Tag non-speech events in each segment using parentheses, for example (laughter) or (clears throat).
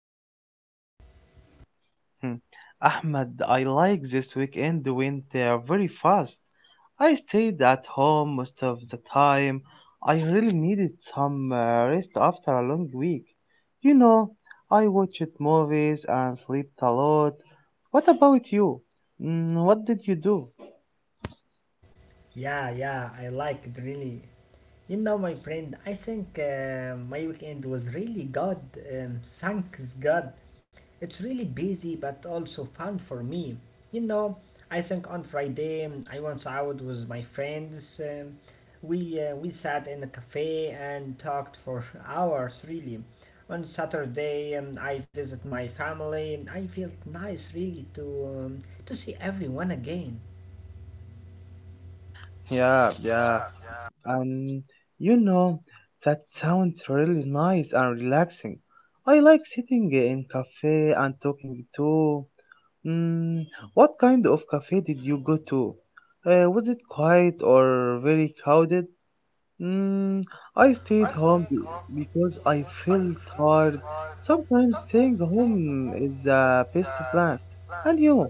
I am fine, thank you. Hmm. Ahmad, I like this weekend went very fast. I stayed at home most of the time. I really needed some rest after a long week. You know, I watched movies and slept a lot. What about you? Mm, what did you do? Yeah, yeah, I like it really. My friend, I think my weekend was really good. Thanks God. It's really busy but also fun for me. You know, I think on Friday I went out with my friends. We sat in a cafe and talked for (laughs) hours really. On Saturday I visit my family. I felt nice really um, to see everyone again. Yeah, yeah. Um, you know, that sounds really nice and relaxing. I like sitting in cafe and talking too. Mm, what kind of cafe did you go to? Was it quiet or very crowded? Mm, I stayed home because I felt tired. Sometimes staying home is the best plan. And you?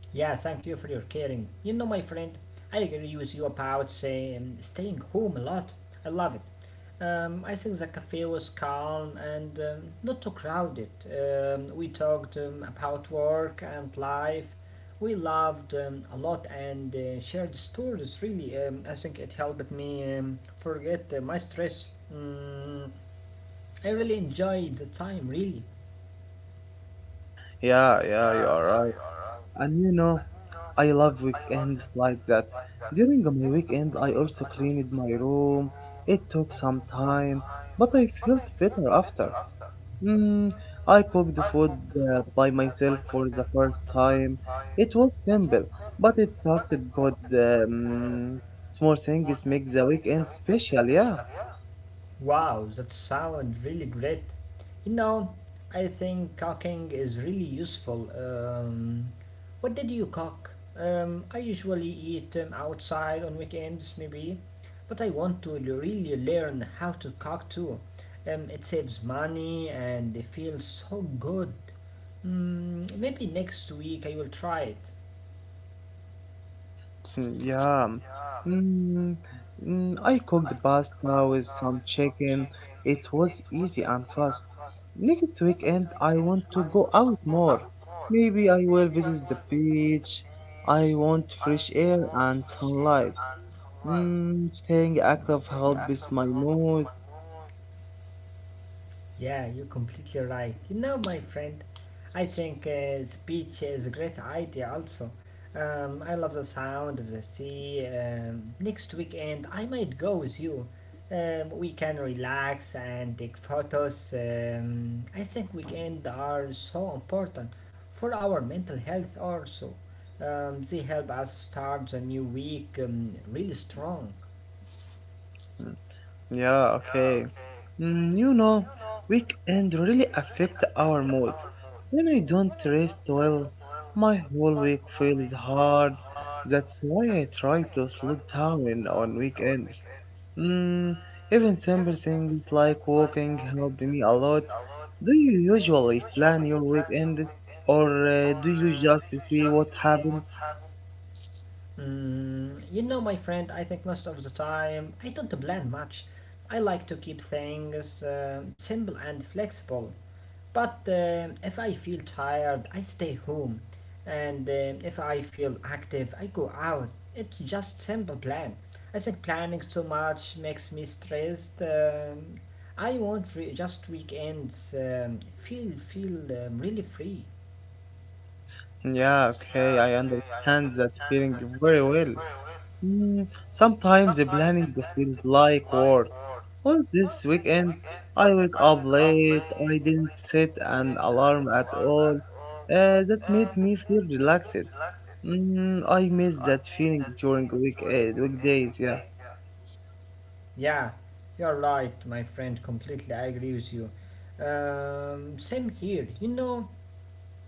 Yeah, thank you for your caring. My friend, I agree with you about staying home a lot. I love it. I think the cafe was calm and not too crowded. We talked about work and life. We loved a lot and shared stories, really. I think it helped me forget my stress. I really enjoyed the time, really. Yeah, yeah, you are right. And you know, I love weekends like that. During my weekend, I also cleaned my room. It took some time, but I felt better after. Mm, I cooked food by myself for the first time. It was simple, but it tasted good. Small things make the weekend special, yeah. Wow, that sounds really great. You know, I think cooking is really useful. What did you cook? I usually eat outside on weekends, maybe, but I want to really learn how to cook too. It saves money and it feels so good. Maybe next week I will try it. Mm, yeah. Mm, I cooked pasta with some chicken. It was easy and fast. Next weekend, I want to go out more. Maybe I will visit the beach. I want fresh air and sunlight. Mm, staying active helps with my mood. Yeah, you're completely right. My friend, I think speech is a great idea also. I love the sound of the sea. Next weekend, I might go with you. We can relax and take photos. I think weekends are so important for our mental health also. They help us start the new week really strong. Mm, yeah, okay. Mm, you know, weekend really affect our mood. When I don't rest well, my whole week feels hard. That's why I try to slow down on weekends. Mm, even simple things like walking helped me a lot. Do you usually plan your weekends or do you just see what happens? My friend, I think most of the time I don't plan much. I like to keep things simple and flexible. But if I feel tired, I stay home. And if I feel active, I go out. It's just simple plan. I think planning too much makes me stressed. I want just weekends feel really free. Yeah, okay, I understand that feeling very well. Mm, sometimes the planning feels like work. On this weekend, I wake up late. I didn't set an alarm at all. That made me feel relaxed. Mm, I miss that feeling during weekdays. Yeah, Yeah, you're right, my friend. Completely, I agree with you. Same here. You know,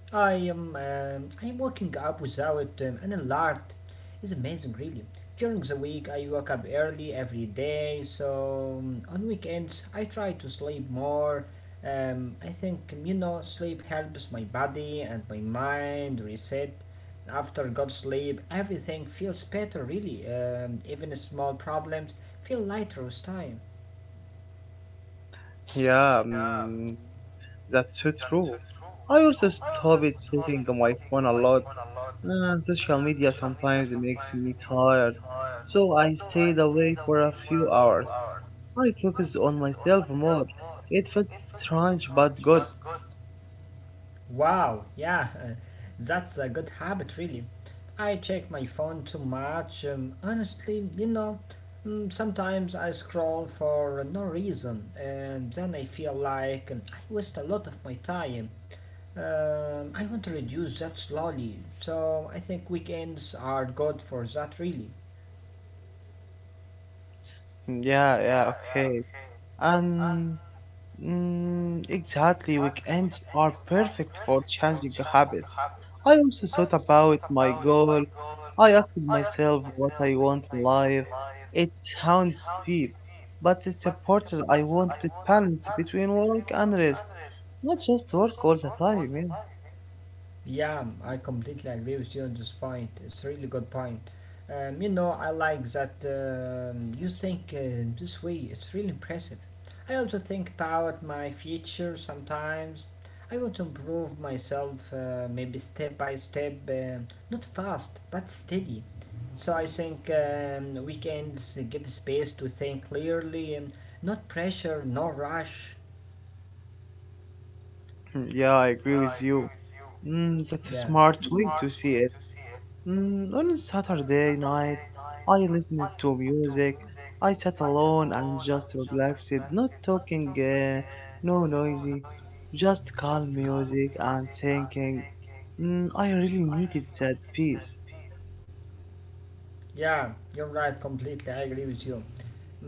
I am um, I am waking up without an alert. It's amazing, really. During the week, I wake up early every day. So on weekends, I try to sleep more. I think sleep helps my body and my mind reset. After good sleep, everything feels better. Really, even small problems feel lighter with time. yeah, mm, that's so true. I also stopped checking my phone a lot. Social media sometimes makes me tired, so I stayed away for a few hours. I focused on myself more. It felt strange but good. Wow, yeah, that's a good habit, really. I check my phone too much. Honestly, sometimes I scroll for no reason, and then I feel like I waste a lot of my time. I want to reduce that slowly, so I think weekends are good for that, really. Yeah, yeah, okay. And mm, exactly, weekends are perfect for changing habits. I also thought about my goal. I asked myself what I want in life. It sounds deep, but it's important. I wanted balance between work and rest, not just work all the time. Yeah, I completely agree with you on this point. It's a really good point. I like that you think this way. It's really impressive. I also think about my future sometimes. I want to improve myself, maybe step by step, not fast, but steady. So I think weekends give space to think clearly, not pressure, no rush. Yeah, (laughs) yeah, I agree with you. Mm, that's a smart way to see it. Mm, on a Saturday night, I listened to music. I sat alone and just relaxed, not talking, no noisy, just calm music and thinking. Mm, I really needed that peace. Yeah, you're right, completely. I agree with you.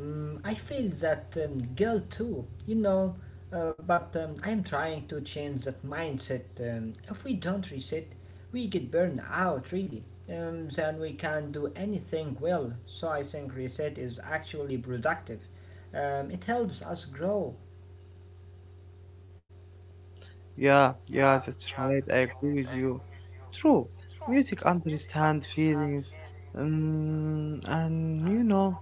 I feel that guilt too, but I'm trying to change that mindset. If we don't reset, we get burned out really. Then we can't do anything well. So I think reset is actually productive. It helps us grow. Yeah, yeah, that's right. I agree with you. True. Music understands feelings, and you know,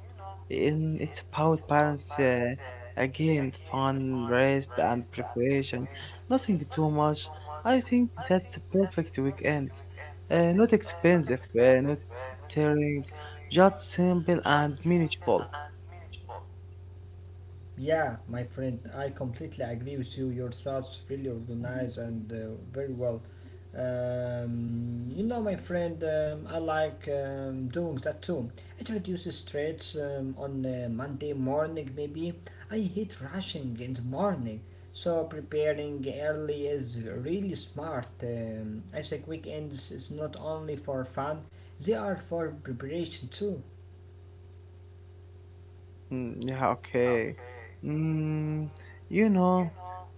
in, it's about balance. Again, fun, rest, and preparation. Nothing too much. I think that's the perfect weekend. Not expensive, not tearing, just simple and manageable. Yeah, my friend, I completely agree with you. Your thoughts really organized and very well. My friend, I like doing that too. It reduces stress on Monday morning, maybe. I hate rushing in the morning, so preparing early is really smart. I think weekends is not only for fun, they are for preparation too. Mm, yeah, okay. Mm, you know,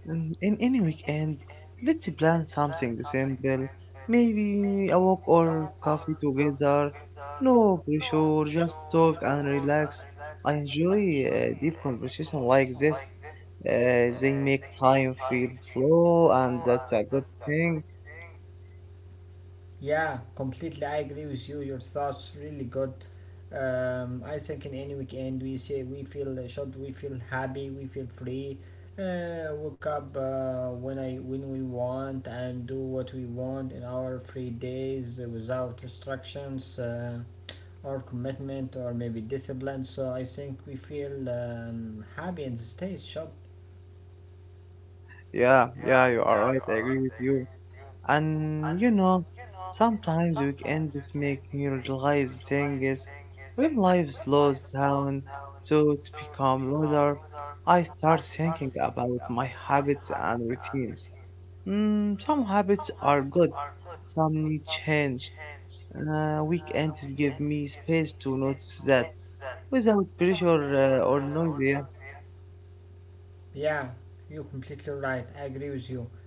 in any weekend, let's plan something simple. Maybe a walk or coffee together. No pressure, just talk and relax. I enjoy deep conversation like this. They make time feel slow, and that's a good thing. Yeah, completely. I agree with you. Your thoughts really good. I think in any weekend we say we feel should we feel happy, we feel free. Wake up when we want and do what we want in our free days without restrictions or commitment or maybe discipline. So I think we feel happy in the state. Should Yeah, yeah, you are right. I agree with you. And you know, sometimes weekends make me realize things. When life slows down, thoughts become louder. I start thinking about my habits and routines. Mm, some habits are good, some need change. Weekends give me space to notice that without pressure or noise. Yeah. yeah, you're completely right. I agree with you.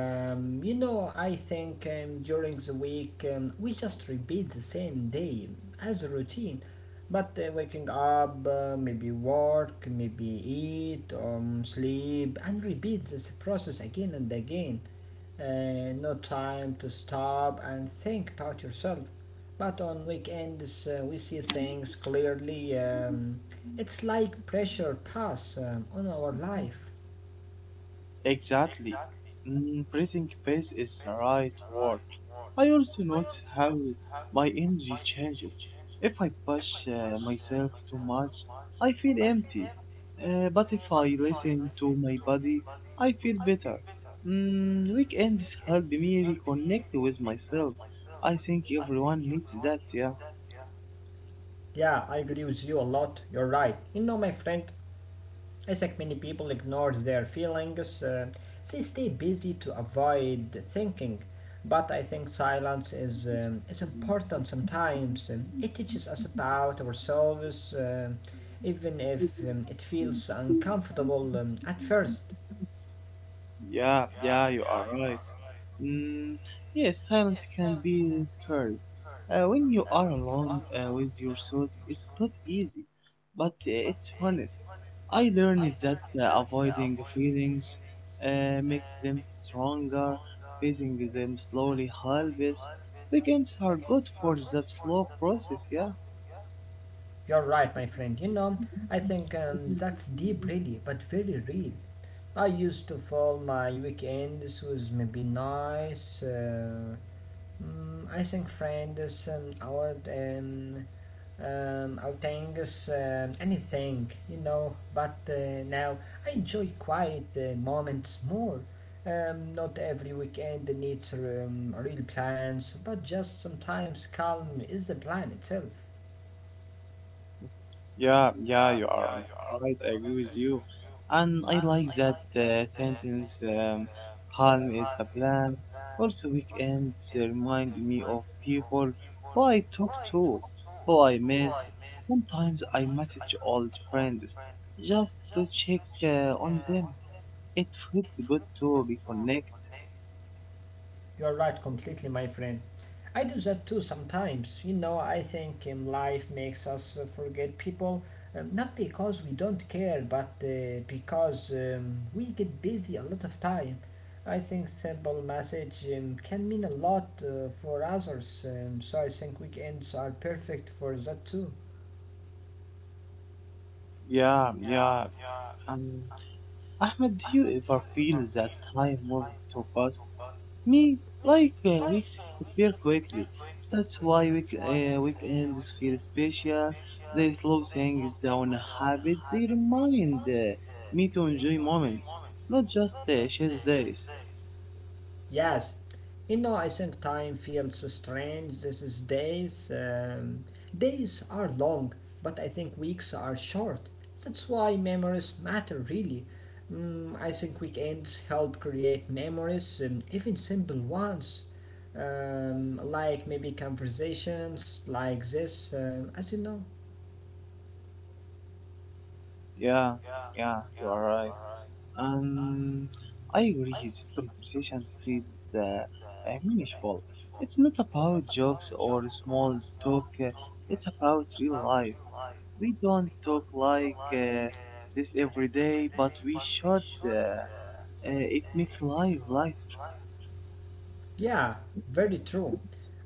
I think during the week we just repeat the same day as a routine, but waking up, maybe work, maybe eat, sleep, and repeat this process again and again. No time to stop and think about yourself. But on weekends, we see things clearly. It's like pressure pass on our life. Exactly. Mm, breathing space is the right word. I also notice how my energy changes. If I push myself too much, I feel empty. But if I listen to my body, I feel better. Mm, weekends help me reconnect with myself. I think everyone needs that, yeah. Yeah, I agree with you a lot. You're right. My friend, I think many people ignore their feelings. They stay busy to avoid thinking. But I think silence is important sometimes. It teaches us about ourselves, even if it feels uncomfortable at first. Yeah, yeah, you are right. Mm, yes, silence can be scary. When you are alone with your thoughts, it's not easy, but it's honest. I learned that avoiding feelings makes them stronger, facing them slowly helps. Weekends are good for that slow process, yeah? You're right, my friend. I think that's deep, really, but very real. I used to fill my weekends with maybe nice. I think friends and our outings, anything. But now I enjoy quiet moments more. Not every weekend needs real plans, but just sometimes calm is the plan itself. Yeah, yeah, you are right. I agree with you. And I like that sentence, calm is a plan. Also, weekends remind me of people who I talk to, who I miss. Sometimes I message old friends just to check on them. It feels good to reconnect. You're right completely, my friend. I do that too sometimes. I think life makes us forget people, not because we don't care, but because we get busy a lot of time. I think simple message can mean a lot for others, so I think weekends are perfect for that too. Yeah, yeah. Um, Ahmed, do you ever feel that time moves too fast? Me like weeks disappear quickly. That's why weekends feel special. They slow things down habits. They remind me to enjoy moments, not just chase days. Yes, I think time feels strange these days. Days are long, but I think weeks are short. That's why memories matter, really. I think weekends help create memories, even simple ones. Like maybe conversations like this, as you know. Yeah, yeah, you are right. Um, I agree. This conversation feels uh, meaningful. It's not about jokes or small talk. It's about real life. We don't talk like this every day, but we should. It makes life lighter. Yeah, very true.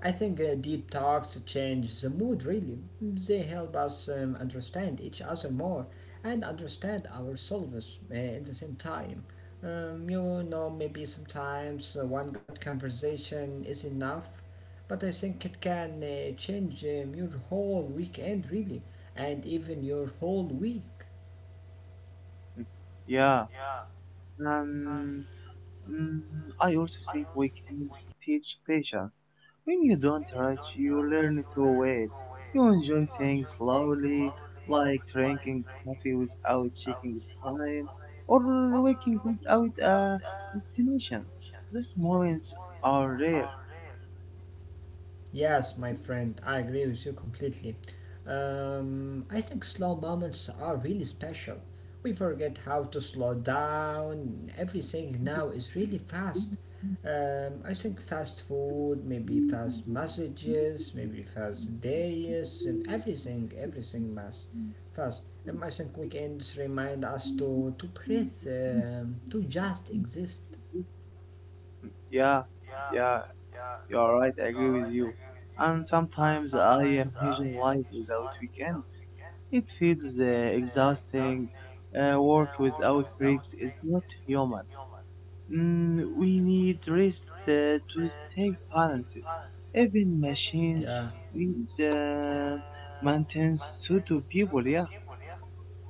I think deep talks change the mood really. They help us understand each other more and understand ourselves at the same time. Maybe sometimes one good conversation is enough, but I think it can change your whole weekend really and even your whole week. Mm. Yeah. Um, mm, I also think we can teach patience. When you don't rush, you learn to wait. You enjoy things slowly, like drinking coffee without checking the time, or waking without a destination. These moments are rare. Yes, my friend, I agree with you completely. I think slow moments are really special. We forget how to slow down. Everything now is really fast. I think fast food, maybe fast messages, maybe fast days, and everything mass, fast. I think weekends remind us to breathe, to just exist. Yeah, yeah, you're right. I agree with you. And sometimes I imagine life without weekends. It feels exhausting. Work without breaks is not human. Mm, we need rest to stay balanced. Even machines uh, need maintenance to do people. Yeah.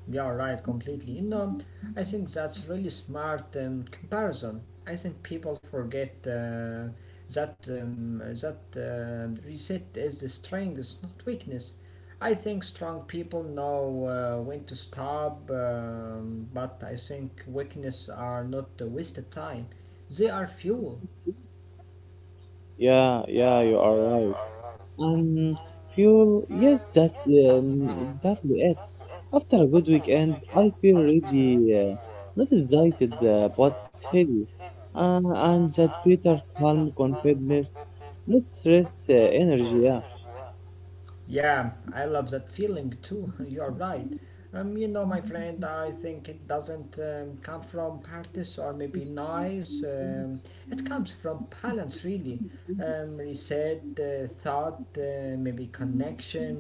Yeah, right, completely. I think that's really smart comparison. I think people forget that reset is the strength, not weakness. I think strong people know when to stop, but I think weakness are not a waste of time. They are fuel. Yeah, yeah, you are right. Um, fuel. Yes, that exactly it. After a good weekend, I feel really not excited but steady, uh, and that bitter calm confidence, no stress, energy. Yeah. Yeah, I love that feeling too. (laughs) You're right. My friend, I think it doesn't come from parties or maybe noise. It comes from balance, really. Said, thought, maybe connection.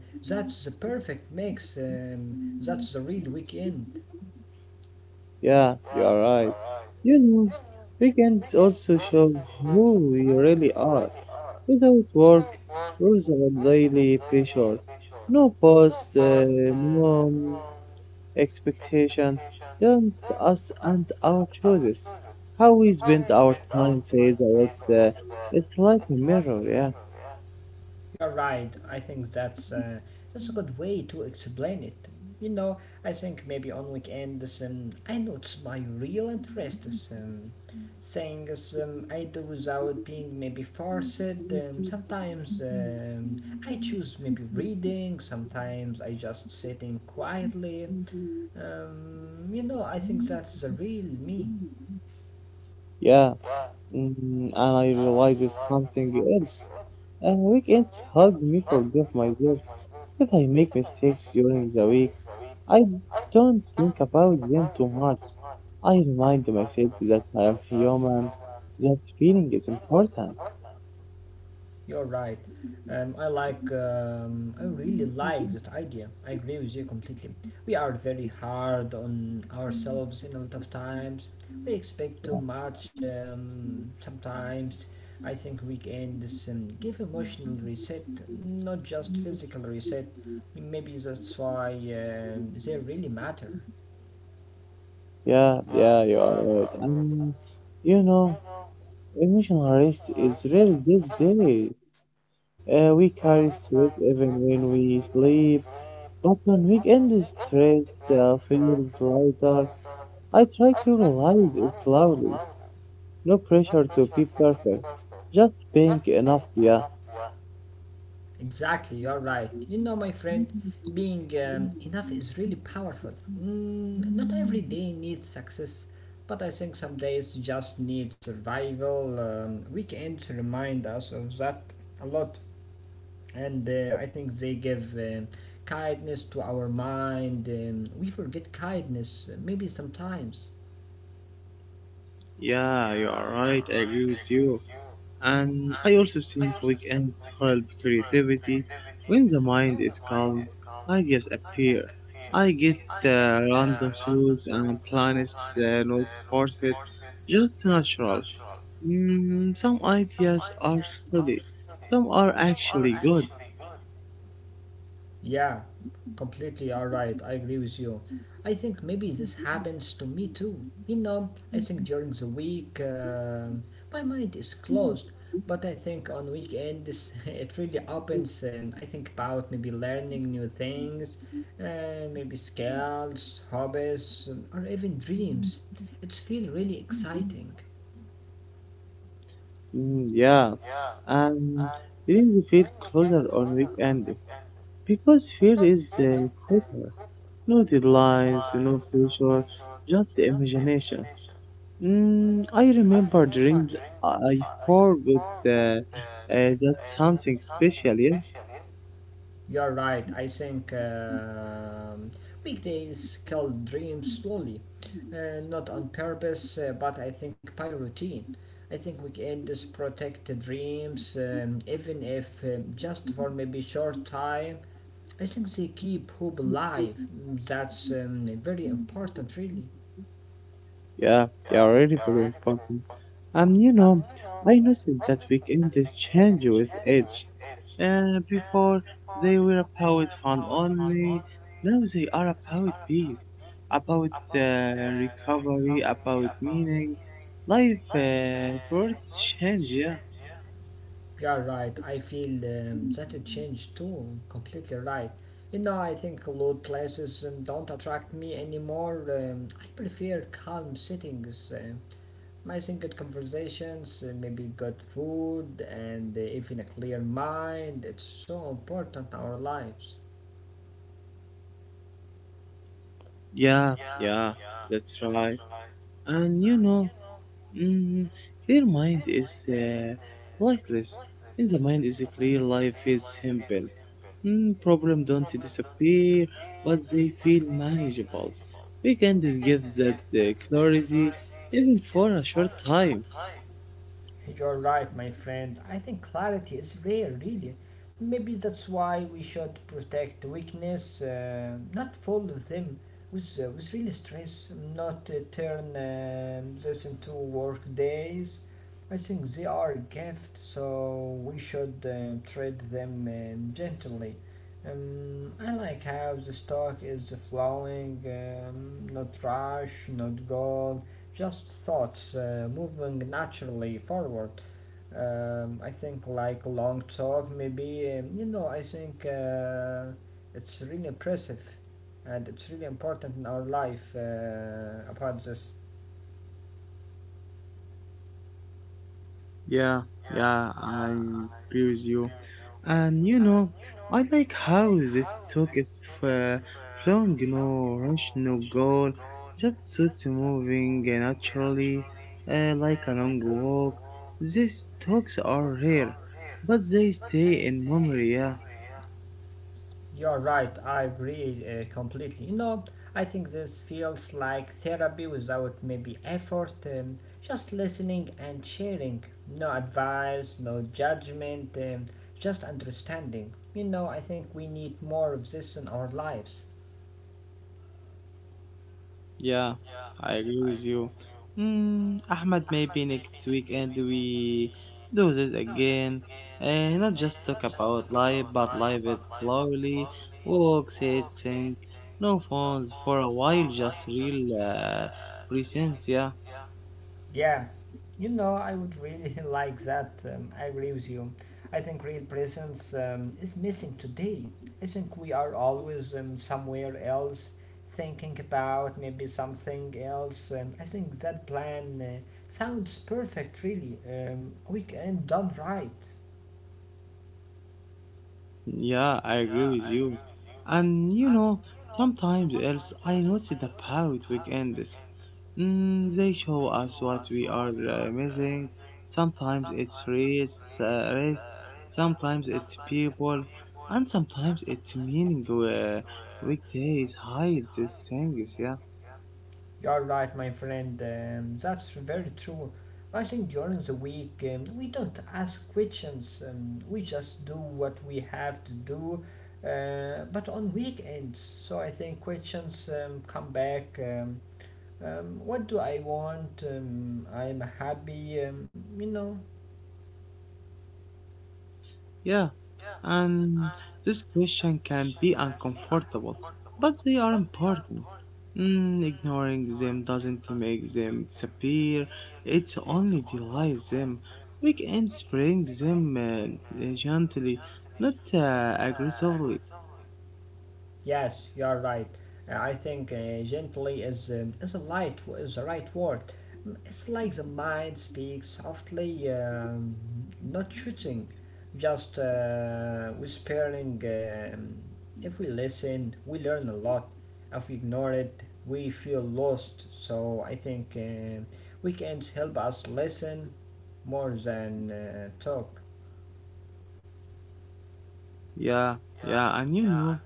That's the perfect mix. That's the real weekend. Yeah, you are right. You know, weekends also show who we really are. Without work, there's a daily pressure. No pause, no expectation, just us and our choices. How we spend our time says a lot. It's like a mirror, yeah. You're right. I think that's a good way to explain it. You know, I think maybe on weekends I notice my real interest is things I do without being maybe forced. Sometimes I choose maybe reading. Sometimes I just sitting quietly. I think that's the real me. Yeah. Mm, and I realize it's something else. Weekends help me forgive myself if I make mistakes during the week. I don't think about them too much. I remind myself that I am human. That feeling is important. You're right. I really like that idea. I agree with you completely. We are very hard on ourselves in a lot of times. We expect Yeah. too much sometimes. I think weekends give emotional reset, not just physical reset. Maybe that's why they really matter. Yeah, yeah, you are right. And you know, emotional rest is rare these days. We carry stress even when we sleep. But when weekend is stressed, feels lighter. I try to realize it loudly. No pressure to be perfect. Just being enough, yeah. Exactly, you're right. My friend, being enough is really powerful. Not every day needs success, but I think some days just need survival. Weekends remind us of that a lot, and I think they give kindness to our mind. We forget kindness, maybe sometimes. Yeah, you are right. I agree with you. And I also think weekends help creativity. When the mind is calm, ideas appear. I get random thoughts and plans, not forced, just natural. Mm, some ideas are silly, some are actually good. Yeah, completely all right. I agree with you. I think maybe this happens to me too. I think during the week my mind is closed, but I think on weekends (laughs) it really opens and I think about maybe learning new things, maybe skills, hobbies, or even dreams. It's feel really exciting. Mm, yeah, and then we feel closer on weekend because fear is quicker. No deadlines, no pressure, just the imagination. Mm, I remember dreams I forgot that something special. Yeah. You're right. I think weekdays kill dreams slowly, not on purpose, but I think by routine. I think weekends protect the dreams, even if just for maybe short time. I think they keep hope alive. That's very important, really. Yeah, they are really very important. You know, I noticed that we can change with age. Before they were about fun only, now they are about peace, about uh, recovery, about meaning. Life birth change, yeah. You're right. I feel that it changed too. Completely right. You know, I think loud places don't attract me anymore. I prefer calm settings. I think good conversations, maybe good food, and even a clear mind. It's so important in our lives. Yeah, yeah, that's right. And you know, mm, clear mind is lightless. In the mind is a clear life is simple. Mm, problem don't disappear, but they feel manageable. Weekend is gives that clarity even for a short time. You're right, my friend. I think clarity is rare, really. Maybe that's why we should protect weakness, not fool them with real stress, not turn this into work days. I think they are a gift, so we should treat them gently. I like how the stock is flowing, not rush, not goal, just thoughts moving naturally forward. I think like long talk, maybe you know. I think it's really impressive, and it's really important in our life about this. Yeah, yeah, I agree with you. And you know, I like how this talk is uh, flowing, you know, rush no goal, just suits moving naturally, like a long walk. These talks are rare, but they stay in memory, yeah. You're right, I agree completely. You know, I think this feels like therapy without maybe effort, just listening and sharing. No advice, no judgment, just understanding. You know, I think we need more of this in our lives. Yeah, I agree with you. Mm, Ahmad, maybe next weekend we do this again and not just talk about life, but live it slowly. Walk, sit, think, no phones for a while, just real presence, yeah. Yeah, I would really (laughs) like that. I agree with you. I think real presence is missing today. I think we are always somewhere else, thinking about maybe something else. I think that plan sounds perfect, really. We can done right. Yeah, I agree with you. And you know, sometimes else I noticed about weekends. Mm, they show us what we are missing. Sometimes it's rates, rest, sometimes it's people, and sometimes it's meaning. Weekdays hide these things, yeah. You're right, my friend. That's very true. I think during the week we don't ask questions. We just do what we have to do. But on weekends, so I think questions come back. What do I want? I'm happy. Yeah, and this question can be uncomfortable, but they are important. Mm, ignoring them doesn't make them disappear, it only delays them. Weekends bring them gently, not aggressively. Yes, you are right. I think gently is is a light is the right word. It's like the mind speaks softly, not shooting, just whispering. If we listen, we learn a lot. If we ignore it, we feel lost. So I think weekends help us listen more than talk. Yeah, yeah, and you know.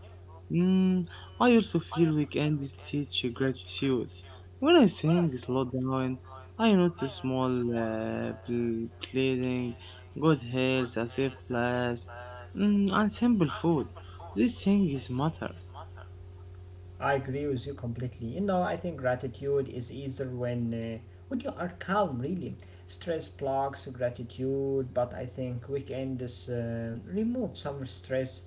Mm, I also feel weekends teach gratitude. When I sing slow down, I notice small pleasing, good health, a safe place, mm, and simple food. These things matter. I agree with you completely. You know, I think gratitude is easier when you are calm. Really, stress blocks gratitude, but I think weekends remove some stress.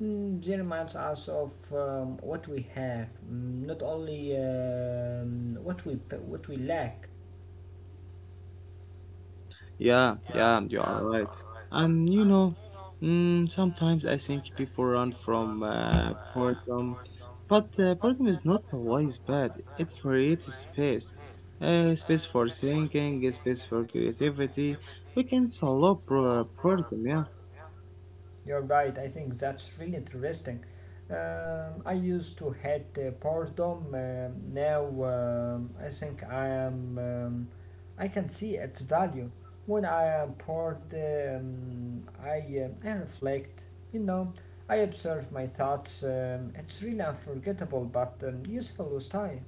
They reminds us of what we have, not only what we lack. Yeah, yeah, you are right. And you know, mm, sometimes I think people run from boredom, but boredom is not always bad. It creates space, space for thinking, a space for creativity. We can solve boredom. Yeah, You're right. I think that's really interesting. I used to hate boredom. Now I think I am. I can see its value. When I am bored, I I reflect. You know, I observe my thoughts. It's really unforgettable, but useful with time.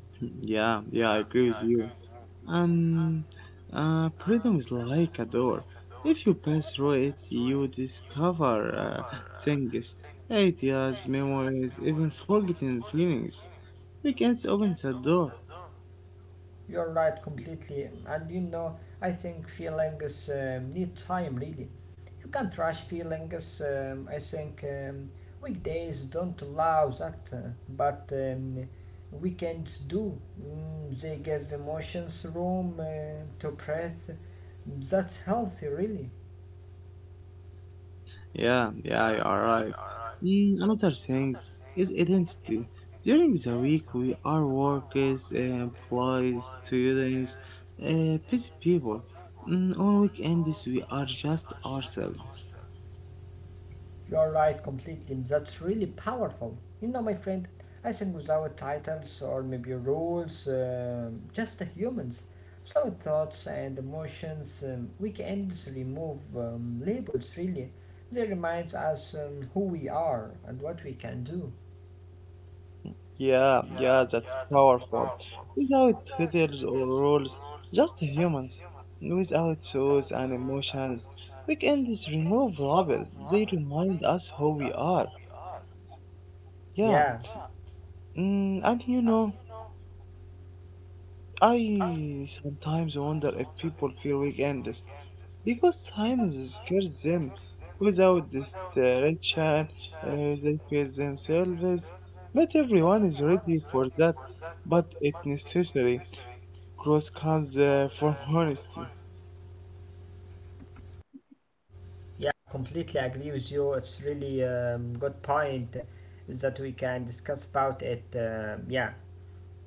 (clears throat) (laughs) yeah, yeah. I agree with you. And freedom is like a door. If you pass through it, you discover things, ideas, memories, even forgotten feelings. Weekends opens the door. You're right completely, and I think feelings need time really. You can't rush feelings. I think weekdays don't allow that, but weekends do. They give emotions room to breathe. That's healthy, really. Yeah, yeah, you are right. Mm, another thing is identity. During the week, we are workers, employees, students, busy people. Mm, on weekends, we are just ourselves. You're right completely. That's really powerful. You know, my friend, I think without titles or maybe rules, just the humans, without thoughts and emotions, weekends remove labels really. They remind us who we are and what we can do. Yeah, yeah, that's powerful. Without titles or rules, just humans. Without souls and emotions, weekends remove rubble. They remind us who we are. Yeah, Yeah, and you know, I sometimes wonder if people feel weekends because time scares them. Without this direction, they face themselves. Not everyone is ready for that, but it's necessary. Cross comes for (laughs) honesty. yeah, I completely agree with you. It's really good point that we can discuss about it. Yeah.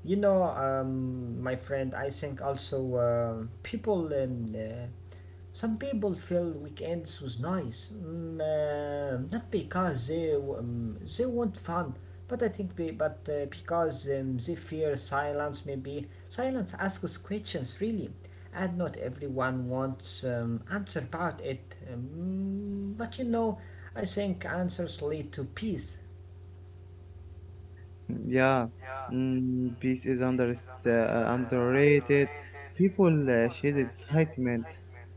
You know, My friend, I think also people, some people feel weekends was nice, not because they want fun, but because they fear silence. Maybe silence asks questions really, and not everyone wants answer about it. But I think answers lead to peace. Yeah, mm, peace is underrated. People chase excitement,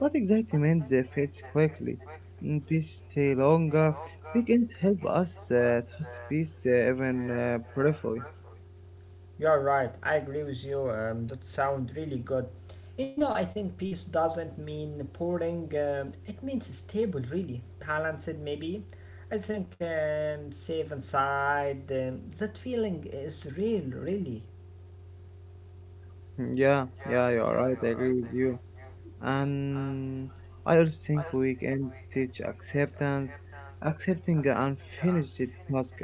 but excitement fades quickly. Mm, peace stay longer. Weekends help us trust peace even briefly. (laughs) You're right. I agree with you. That sounds really good. You know, I think peace doesn't mean pouring. It means stable, really balanced. Maybe. I think safe inside. That feeling is real, really. Yeah, yeah, you are right. I agree with you. And I also think we can teach acceptance, accepting unfinished tasks,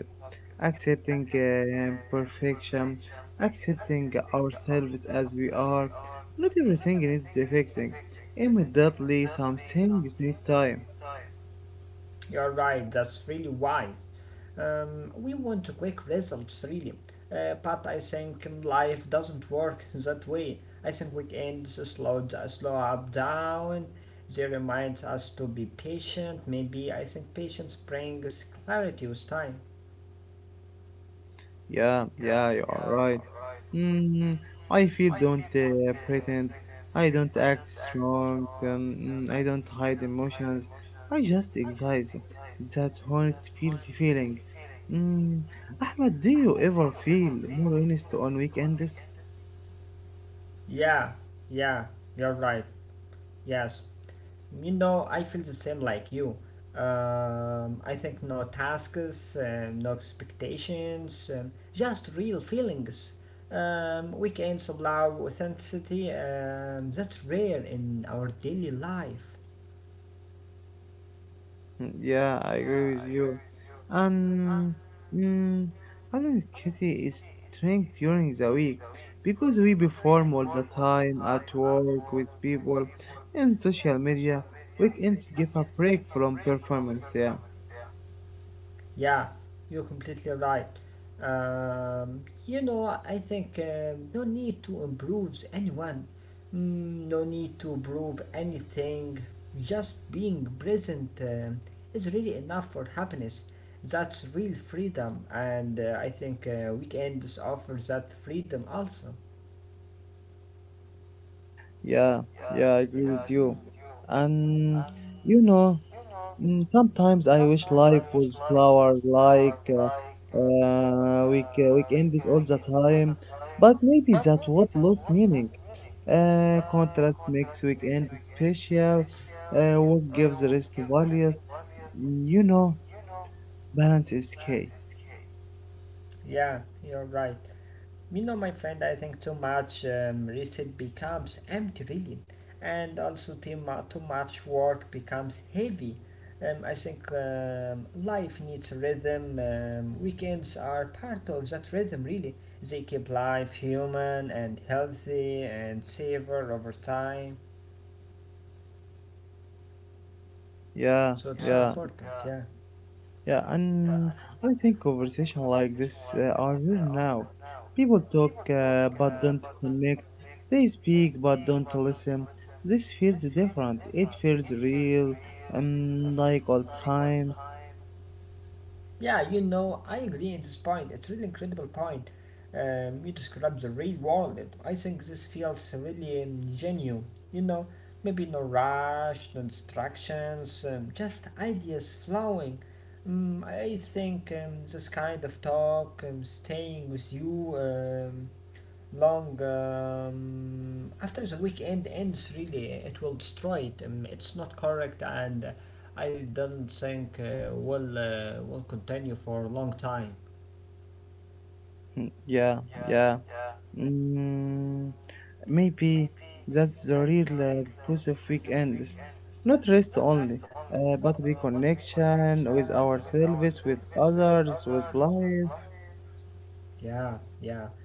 accepting imperfection, accepting ourselves as we are. Not everything needs fixing immediately. Some things need time. You're right, that's really wise. We want quick results, really. But I think life doesn't work that way. I think weekends slow up down. They remind us to be patient. Maybe I think patience brings clarity with time. Yeah, yeah, you are right. Mm, I feel don't pretend. I don't act strong. I don't hide emotions. I just exist. That honest feels feeling. Mm, Ahmed, do you ever feel more honest on weekends? Yeah, yeah, you're right. Yes, I feel the same like you. I think no tasks, no expectations, just real feelings. Weekends allow authenticity, that's rare in our daily life. (laughs) Mm, yeah, I agree with you. And mm, identity is strength during the week because we perform all the time at work with people in social media. Weekends give a break from performance. Yeah, Yeah, you're completely right. Um, I think no need to improve anyone, no need to prove anything. Just being present is really enough for happiness. That's real freedom, and I think weekends offer that freedom also. yeah, yeah. I agree with you. And you know, mm, sometimes I wish life was slower, like weekends all the time. But maybe that what lost meaning. Contrast makes weekend special. What gives rest values? Mm, you know, balance is key. Yeah, you're right. You know, my friend, I think too much research becomes empty, really, and also too much work becomes heavy. I think life needs rhythm. Weekends are part of that rhythm, really. They keep life human and healthy and savor over time. Yeah, So it's yeah, important. Yeah. yeah. And I think conversation like this are rare now. People talk but don't connect. They speak but don't listen. This feels different. It feels real. Like all times. Yeah, I agree in this point. It's really incredible point. You describe the real world. I think this feels really genuine. You know, maybe no rush, no distractions, just ideas flowing. I think this kind of talk, staying with you, long after the weekend ends really it will destroy it it's not correct and I don't think will continue for a long time. (laughs) Yeah, yeah. Mm, maybe that's the real purpose of weekends. Not rest only, but reconnection with ourselves, with others, with life. Yeah, yeah,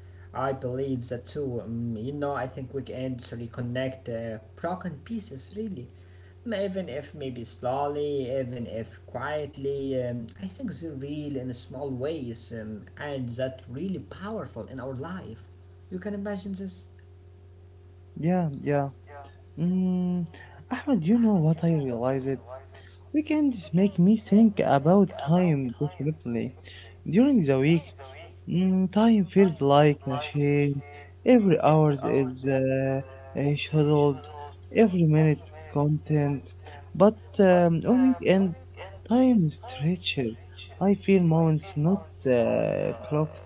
I believe that too, I think weekends reconnect broken pieces really. Even if maybe slowly, even if quietly, I think they real in small ways, and that really powerful in our life. You can imagine this. Yeah, yeah. Mm, Ahmed, you know what I realized? Weekends make me think about time differently. During the week, mm, time feels like a shame. Every hour is scheduled, every minute content. But on weekend, time stretches. I feel moments, not clocks.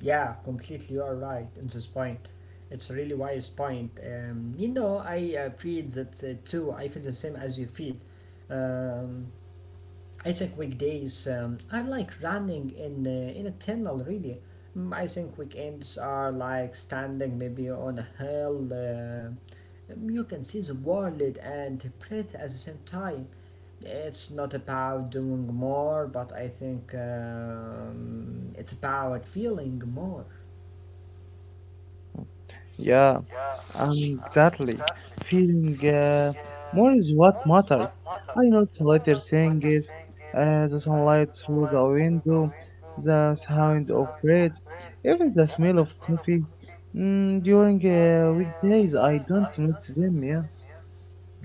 Yeah, completely. You are right in this point. It's a really wise point. I feel that too. I feel the same as you feel. Um, I think weekdays are like running in a tunnel, really. I think weekends are like standing maybe on a hill. You can see the world and breathe at the same time. It's not about doing more, but I think it's about feeling more. Yeah. Um, exactly. Feeling more is what matters. I know the little things, the sunlight through the window, the sound of birds, even the smell of coffee. Mm, during weekdays, I don't notice them. Yeah,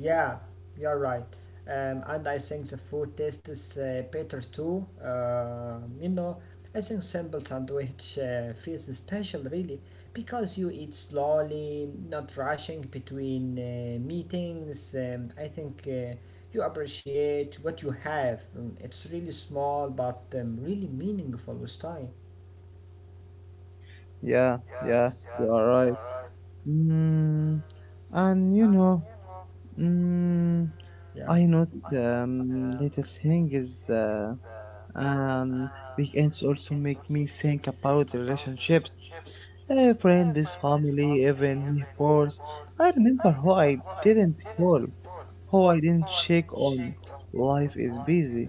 Yeah, you're right. And I think the food tastes better too. I think simple sandwich feels special really because you eat slowly, not rushing between meetings. I think you appreciate what you have. It's really small but really meaningful with time. yeah, yeah. You are right. Mm, and you know, mm, Yeah. I notice little things. Um, Weekends also make me think about relationships, friends, family, even neighbors. I remember who I didn't call, who I didn't check on. Life is busy,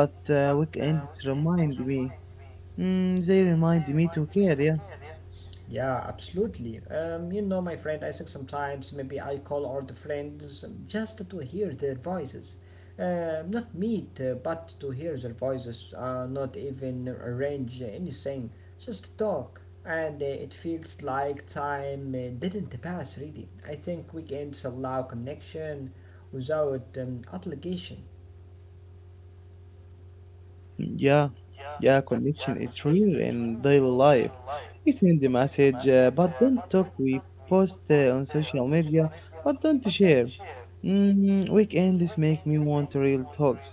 but weekends remind me. Mm, they remind me to care. Yeah. Yeah, absolutely. My friend, I think sometimes maybe I call all the friends just to hear their voices. Not meet, but to hear their voices, not even arrange anything, just talk. And it feels like time didn't pass, really. I think weekends allow connection without obligation. Mm, yeah, yeah, connection is real in daily life. We send the message, but don't talk. We post on social media, but don't share. Mm, weekends make me want real talks,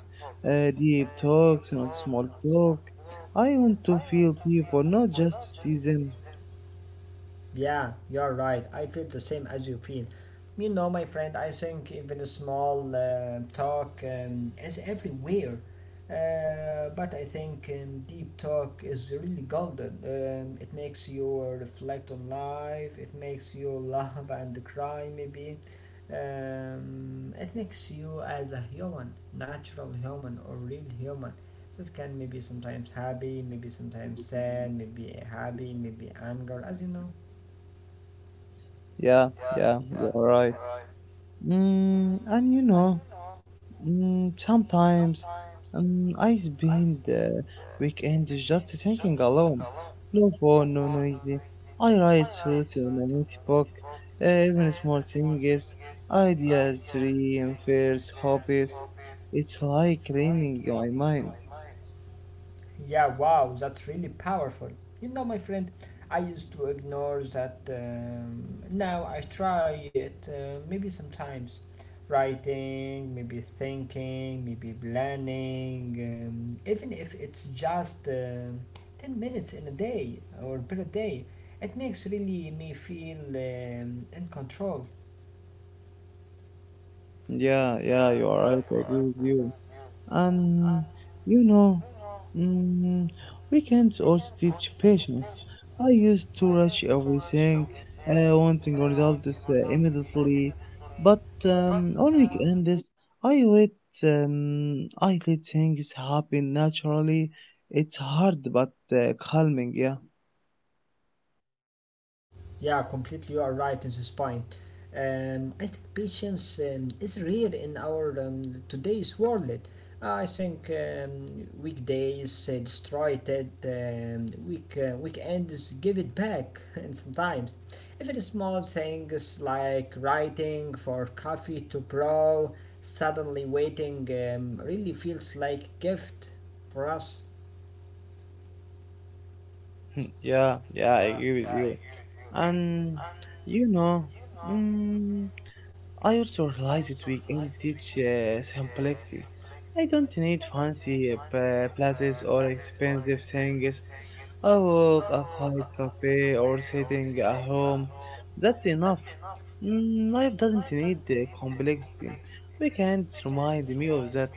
deep talks, not small talk. I want to feel people, not just see them. Yeah, you're right. I feel the same as you feel. You know, my friend, I think even a small talk is everywhere. But I think deep talk is really golden. It makes you reflect on life, it makes you (laughs) laugh and cry, maybe. It makes you as a human, natural human or real human. This can maybe sometimes happy, maybe sometimes sad, maybe happy, maybe anger, as you know. Yeah, yeah, you're right. Mm, and you know. Mm, sometimes I spend the weekend just thinking alone. No phone, no noisy. I write thoughts in a notebook, even small things, ideas, dreams, fears, hobbies. It's like cleaning my mind. Yeah, wow, that's really powerful. You know, my friend, I used to ignore that. Now I try it, maybe sometimes. Writing, maybe thinking, maybe planning, even if it's just 10 minutes in a day or per day, it makes really me feel in control. Yeah, yeah, you are right. I agree with you. And you know, mm, weekends also teach patience. I used to rush everything, wanting results immediately, but on weekends I wait. I let things happen naturally. It's hard but calming, yeah. Yeah, completely. You are right in this point. I think patience is rare in our today's world. I think weekdays destroy it. Weekends give it back, (laughs) and sometimes even small things like writing for coffee to brow, suddenly waiting really feels like gift for us. (laughs) Yeah, yeah, I agree with you. And you know, mm, I also realized that we can teach simplicity. I don't need fancy places or expensive things. A walk, a quiet cafe, or sitting at home. That's enough. Mm, life doesn't need the complexity. We can't remind me of that.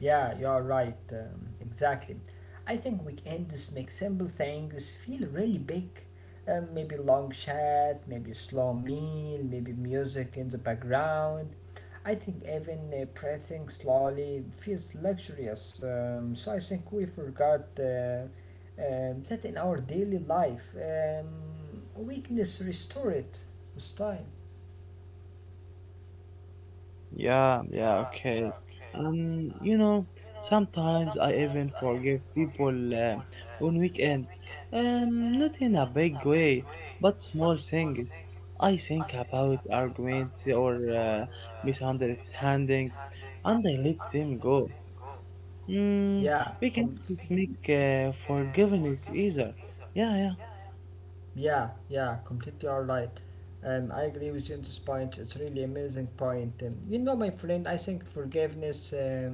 Yeah, you're right. Exactly. I think weekends make simple things feel really big. Maybe long chat, maybe slow meal, maybe music in the background. I think even breathing slowly feels luxurious. So I think we forgot that in our daily life, weakness restore it with time. Yeah, yeah, okay. You know, sometimes I even forgive people on weekend. Not in a big way, but small things. I think about arguments or misunderstanding, and I let them go. Mm, Yeah. we can make forgiveness easier. Yeah, yeah. Yeah, yeah, completely all right. I agree with you on this point. It's really amazing point. My friend, I think forgiveness um,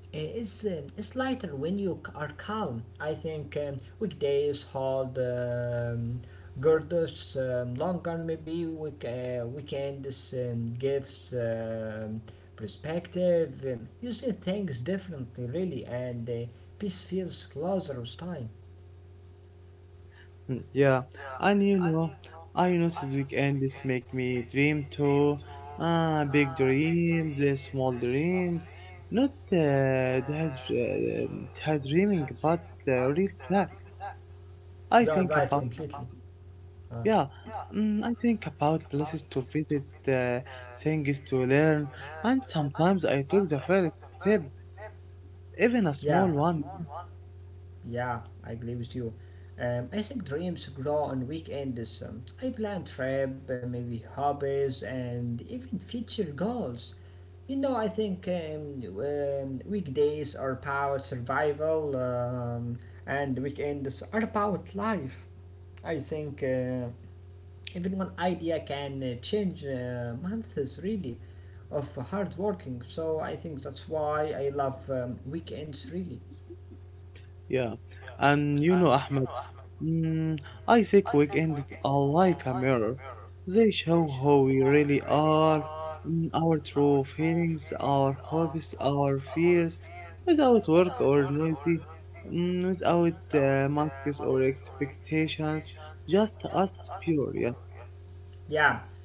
i- is um, is lighter when you are calm. I think weekdays hold girders longer. Maybe weekends gives perspective. You see things differently, really, and peace feels closer with time. Mm, yeah, and you know, I you know this weekend this make me dream too. Ah, big dreams, small dreams, not that that dreaming, but the real plans. You I are think right. about Completely. Uh, yeah, mm, I think about places to visit, things to learn, and sometimes I took the first step, even a yeah. small one. Yeah, I agree with you. I think dreams grow on weekends. I plan trip, maybe hobbies, and even future goals. You know, I think weekdays are about survival, and weekends are about life. I think even one idea can change months really of hard working. So I think that's why I love weekends really. Yeah, and you know, Ahmed, mm, I think weekends are like a mirror. They show how we really are, mm, our true feelings, our hopes, our fears, without work or noisy, mm, without masks or expectations, just us pure. Yeah, Yeah,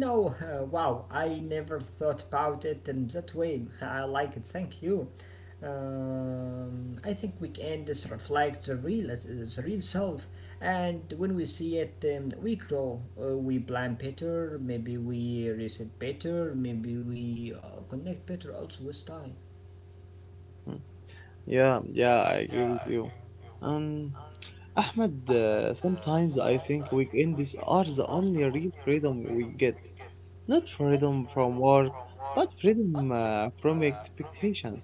wow, I never thought about it in that way. I like it, thank you. I think weekends reflect the real, the real self, and when we see it, we grow. We plan better, maybe we reset better, maybe we connect better also with time. mm, yeah, yeah. I agree with you. Um, Ahmed, sometimes I think weekends are the only real freedom we get. Not freedom from work, but freedom from expectations.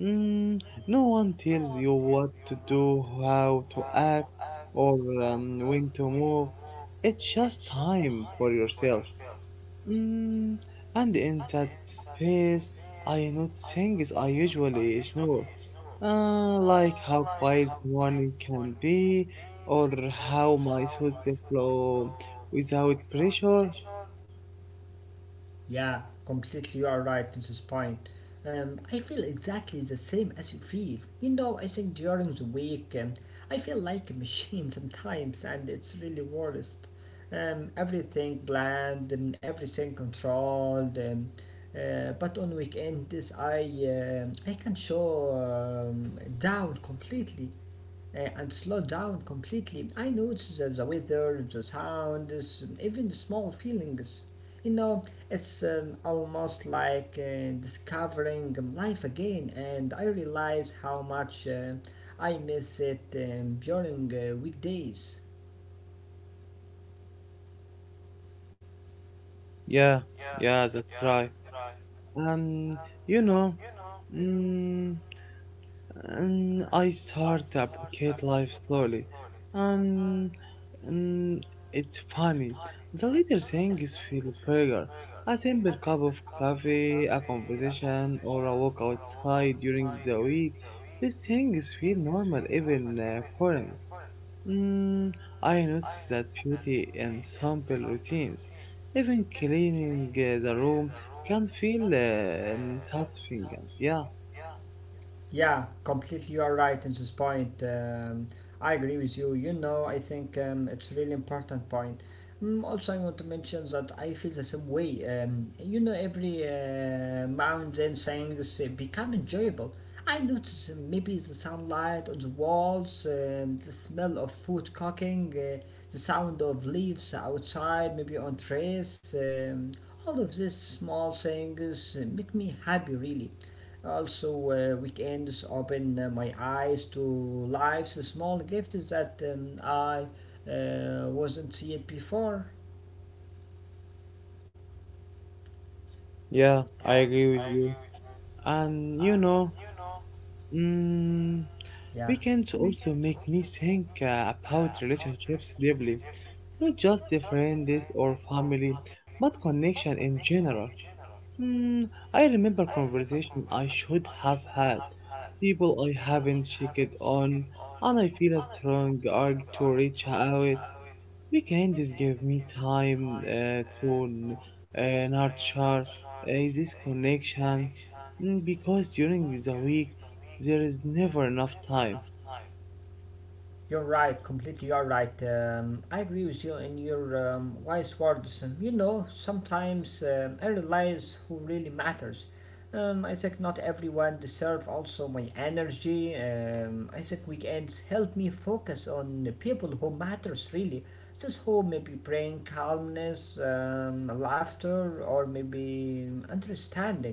Mm, no one tells you what to do, how to act, or when to move. It's just time for yourself. Mm, and in that space, I note things I usually ignore, like how quiet the morning can be, or how my thoughts flow without pressure. Yeah, completely you are right at this point. I feel exactly the same as you feel. You know, I think during the week I feel like a machine (laughs) sometimes, and it's really worst. Everything planned and everything controlled. But on weekends, I can show down completely and slow down completely. I notice the weather, the sounds, even small feelings. You know, it's almost like discovering life again, and I realize how much I miss it during weekdays. Yeah, yeah, that's right. And you know, mm, and I start to appreciate life slowly, and mm, it's funny. The little things feel bigger. A simple cup of coffee, a conversation, or a walk outside during the week. These things feel normal, even boring. Mm, I noticed that beauty in simple routines. Even cleaning the room can feel satisfying. And yeah, Yeah, completely. You are right in this point. I agree with you. You know, I think it's really important point. Mm, also, I want to mention that I feel the same way. You know, every mountain things become enjoyable. I notice maybe the sunlight on the walls, the smell of food cooking, the sound of leaves outside, maybe on trees. All of these small things make me happy, really. Also, weekends open my eyes to life's small gifts that I wasn't see it before. yeah, I agree with you. And you know, mm, Yeah. weekends also make me think about relationships deeply, not just the friends or family, but connection in general. Hmm, I remember conversation I should have had, people I haven't checked on, and I feel a strong urge to reach out. Weekends give me time to nurture this connection mm, because during the week there is never enough time. You're right, completely you're right. I agree with you in your wise words. You know, sometimes I realize who really matters. I think not everyone deserve also my energy. I think weekends help me focus on the people who matters really. Just who maybe bring calmness, laughter, or maybe understanding.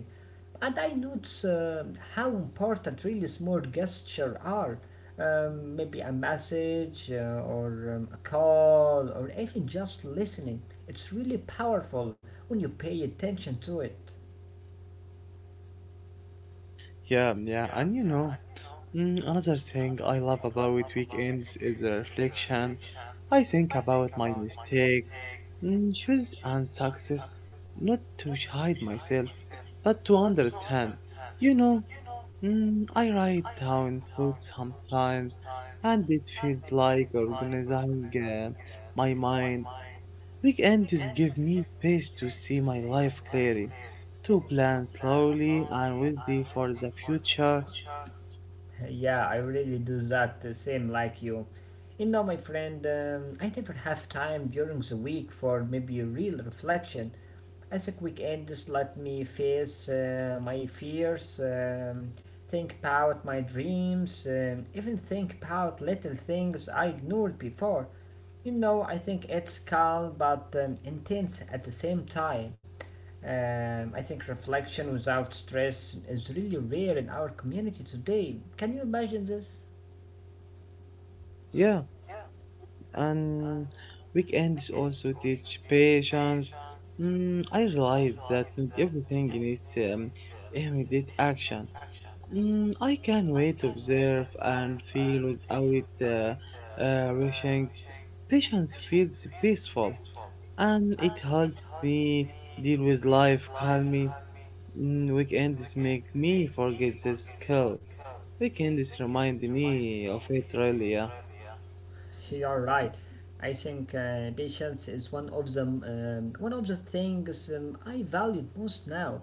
And I notice how important really small gestures are maybe a message or a call or even just listening. It's really powerful when you pay attention to it. Yeah, yeah, and you know. Mm, another thing I love about weekends is the reflection. I think about my mistakes, mm, choices, and success, not to hide myself, but to understand. You know, mm, I write down thoughts sometimes, and it feels like organizing my mind. Weekends give me space to see my life clearly, to plan slowly and wisely for the future. (laughs) yeah, I really do that the same like you. You know, my friend, I never have time during the week for maybe a real reflection. As a quick end, just let me face my fears, think about my dreams, even think about little things I ignored before. You know, I think it's calm but intense at the same time. I think reflection without stress is really rare in our community today. Can you imagine this? Yeah. And weekends also teach patience. Mm, I realize that not everything needs immediate action. Mm, I can wait, observe, and feel without rushing. Patience feels peaceful, and it helps me deal with life calmly. Mm, weekends make me forget the skill. Weekends remind me of it really, yeah. You're right. I think patience is one of the things I value most now.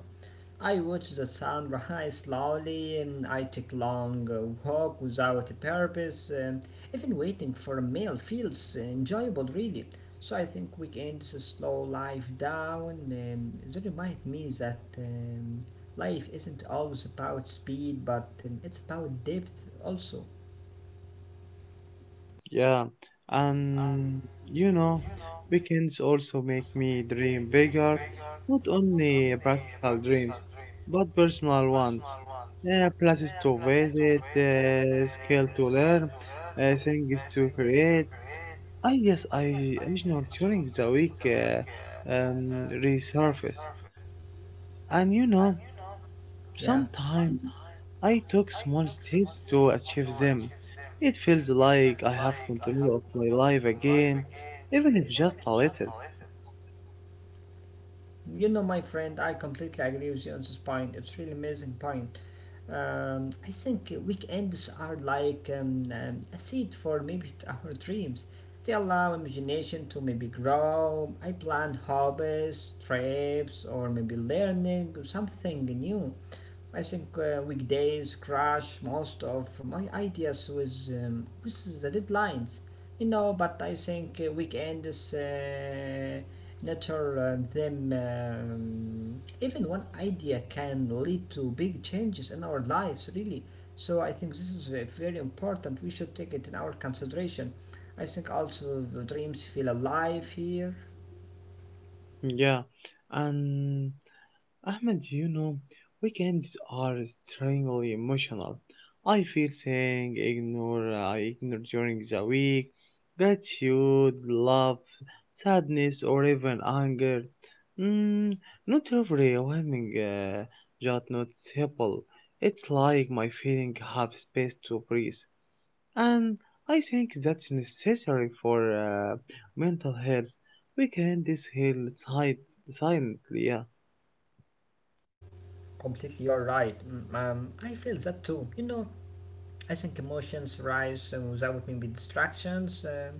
I watch the sun rise slowly. And I take long walk without a purpose. Even waiting for a meal feels enjoyable, really. So I think weekends slow life down. They remind me that life isn't always about speed, but it's about depth also. Yeah, and you know, weekends also make me dream bigger, not only practical dreams, but personal ones. Places to visit, skill to learn, things to create. I guess I original during the week resurface, and you know, Yeah. sometimes I took small steps to achieve them. It feels like I have control of my life again, even if just a little. You know, my friend, I completely agree with you on this point. It's really amazing point. I think weekends are like a seed for maybe (laughs) our dreams. They allow imagination to maybe grow. I plan hobbies, trips, or maybe learning something new. I think weekdays crash most of my ideas with the deadlines, you know. But I think weekends nature them. Even one idea can lead to big changes in our lives, really. So I think this is very important. We should take it in our consideration. I think also the dreams feel alive here. Yeah, and Ahmed, you know, weekends are strangely emotional. I feel saying ignore, I ignore during the week, gratitude, love, sadness, or even anger. Mm, not every overwhelming, just noticeable. It's like my feeling have space to breathe, and I think that's necessary for mental health. We can this heal silently, yeah. Completely, you're right. Mm. I feel that too. You know, I think emotions rise without maybe distractions.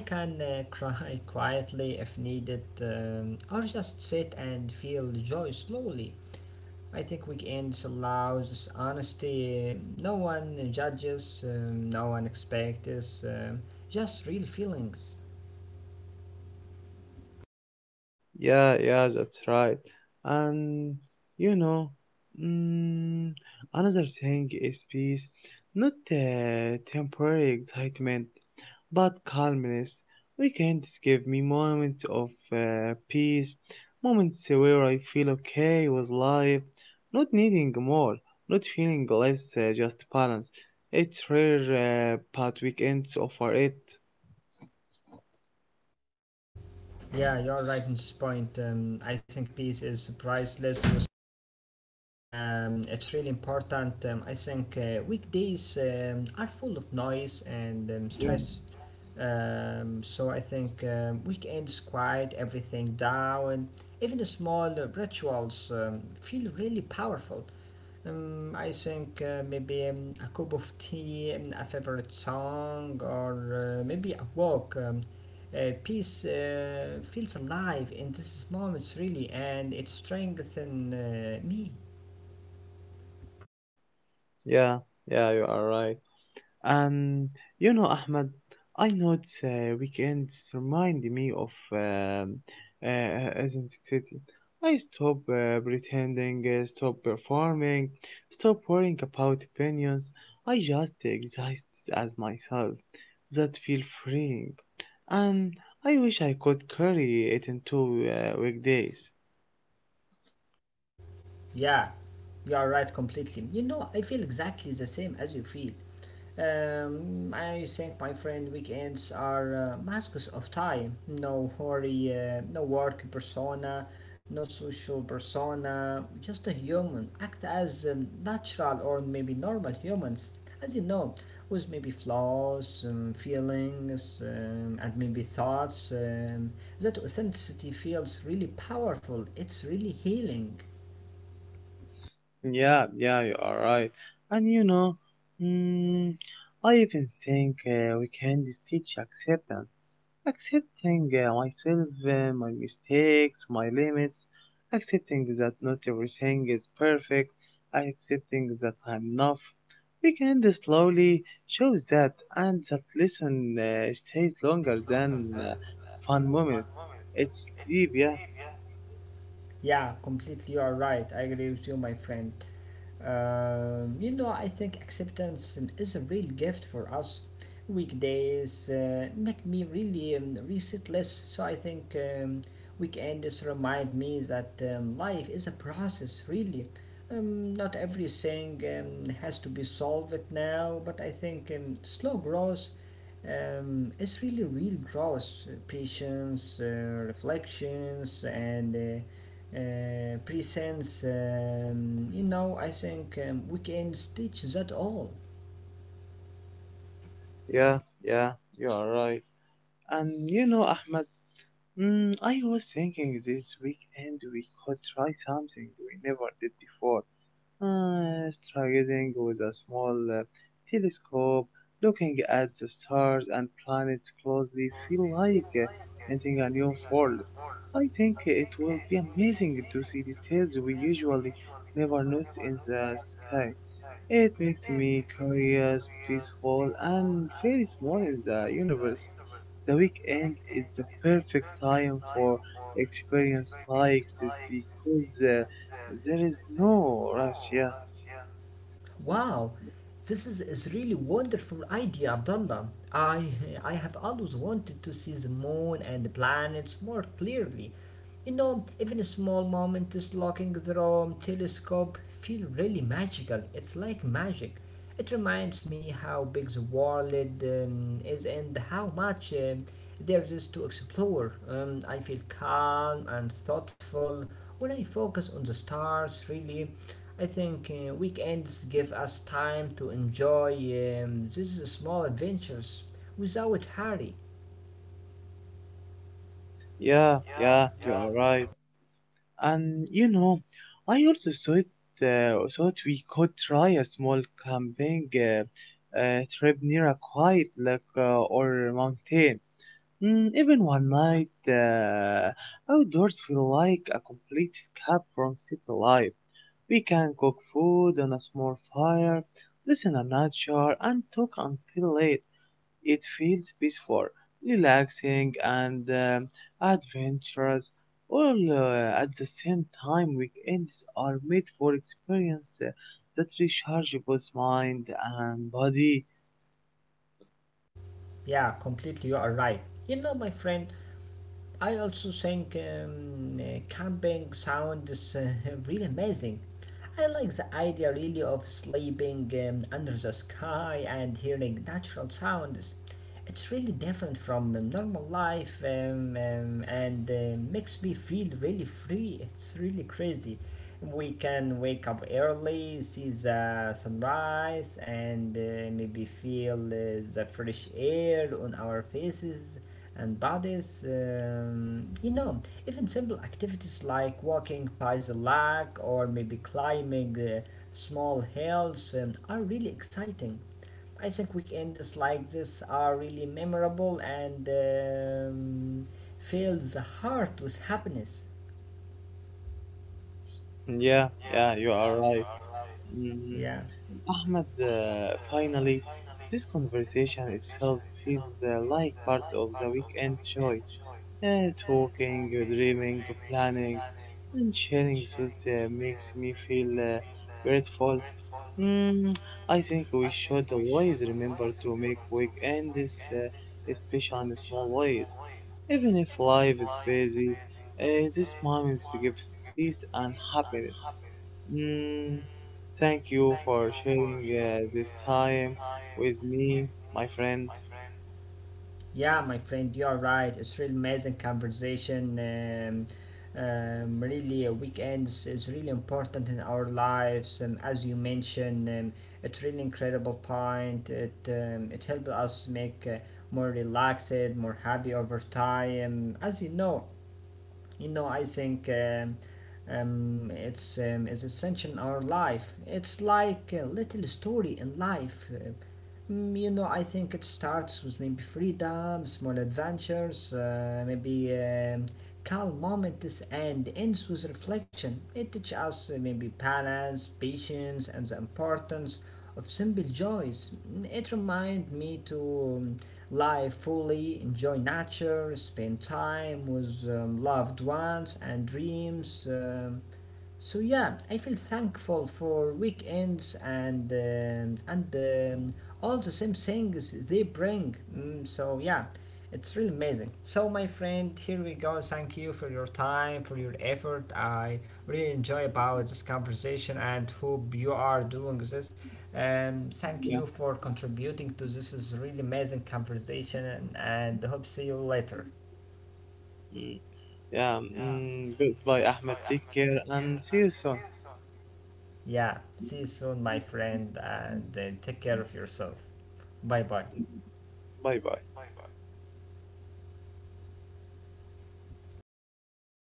I can cry (laughs) quietly if needed, or just sit and feel joy slowly. I think weekends allows this honesty. No one judges. No one expects. Just real feelings. Yeah, yeah, that's right. And you know, mm, another thing is peace, not temporary excitement, but calmness. Weekends give me moments of peace, moments where I feel okay with life, not needing more, not feeling less, just balance. It's rare, but weekends offer it. Yeah, you're right in this point. I think peace is priceless. It's really important. I think weekdays are full of noise and Yeah, stress. So I think weekends quiet everything down. Even the small rituals feel really powerful. I think maybe a cup of tea, a favorite song, or maybe a walk. Peace feels alive in these moments, really, and it strengthens me. yeah, yeah, you are right. And you know, Ahmed, I know it's weekends remind me of authenticity. I stop pretending, stop performing, stop worrying about opinions. I just exist as myself. That feel freeing, and I wish I could carry it into weekdays. Yeah, you are right completely. You know, I feel exactly the same as you feel. I think, my friend, weekends are masks of time. No hurry, no work persona, no social persona, just a human. Act as natural or maybe normal humans, as you know, with maybe flaws, feelings, and maybe thoughts. That authenticity feels really powerful, it's really healing. Yeah, yeah, you are right. And you know, mm, I even think we can just teach acceptance. Accepting myself, my mistakes, my limits. Accepting that not everything is perfect. Accepting that I'm enough. We can just slowly show that, and that lesson stays longer than fun moments. It's deep, yeah, Yeah, completely. You are right. I agree with you, my friend. You know, I think acceptance is a real gift for us. Weekdays make me really reset less. So I think weekends remind me that life is a process, really. Not everything has to be solved now, but I think slow growth it's really real growth, patience, reflections, and presence. You know, I think we can stitch that all. yeah, yeah, you are right. And you know, Ahmed. Mm, I was thinking this weekend we could try something we never did before. Stargazing with a small telescope, looking at the stars and planets closely, feel like entering a new world. I think it will be amazing to see details we usually never notice in the sky. It makes me curious, peaceful, and very small in the universe. The weekend is the perfect time for experience like this because there is no rush. Yeah. Wow, is really wonderful idea, Abdullah. I have always wanted to see the moon and the planets more clearly. You know, even a small moment moments looking through a telescope feel really magical. It's like magic. It reminds me how big the world is and how much there is to explore. I feel calm and thoughtful when I focus on the stars, really. I think weekends give us time to enjoy these small adventures without hurry. Yeah, yeah, you are right. And you know, I also thought we could try a small camping trip near a quiet lake or mountain. Mm, even one night outdoors feel like a complete escape from city life. We can cook food on a small fire, listen to nature, and talk until late. It feels peaceful, relaxing, and adventurous. All at the same time, weekends are made for experience that recharge both mind and body. Yeah, completely, you are right. You know, my friend, I also think camping sounds (laughs) really amazing. I like the idea really of sleeping under the sky and hearing natural sounds. It's really different from normal life and makes me feel really free. It's really crazy. We can wake up early, see the sunrise, and maybe feel the fresh air on our faces and bodies. You know, even simple activities like walking by the lake or maybe climbing small hills are really exciting. I think weekends like this are really memorable and fill the heart with happiness. Yeah, yeah, you are right. Mhm. Yeah. Ahmed, finally, this conversation itself feels like part of the weekend joy. And talking, dreaming, planning, and sharing with them makes me feel grateful. Mm, I think we should always remember to make weekends uh, special in small ways. Even if life is busy, these moments give peace and happiness. Mm, thank you for sharing this time with me, my friend. Yeah, my friend, you're right. It's really amazing conversation. Really, weekends is really important in our lives. As you mentioned, it's really incredible point. It helps us make more relaxed, more happy over time. As you know, I think. It's is essential in our life. It's like a little story in life. Mm, you know, I think it starts with maybe freedom, small adventures, maybe calm moments, and ends with reflection. It teaches us maybe balance, patience, and the importance of simple joys. Mm, it reminds me to um, live fully, enjoy nature, spend time with loved ones, and dreams. So yeah, I feel thankful for weekends and um, all the same things they bring. Mm, so yeah, it's really amazing. So my friend, here we go. Thank you for your time, for your effort. I really enjoy about this conversation and hope you are doing this. Thank Yeah. you for contributing to this is really amazing conversation and hope see you later. Mm. Yeah, mm, goodbye, Ahmed. Take care and see you soon. Yeah, see you soon, my friend, and take care of yourself. Bye bye. Bye bye.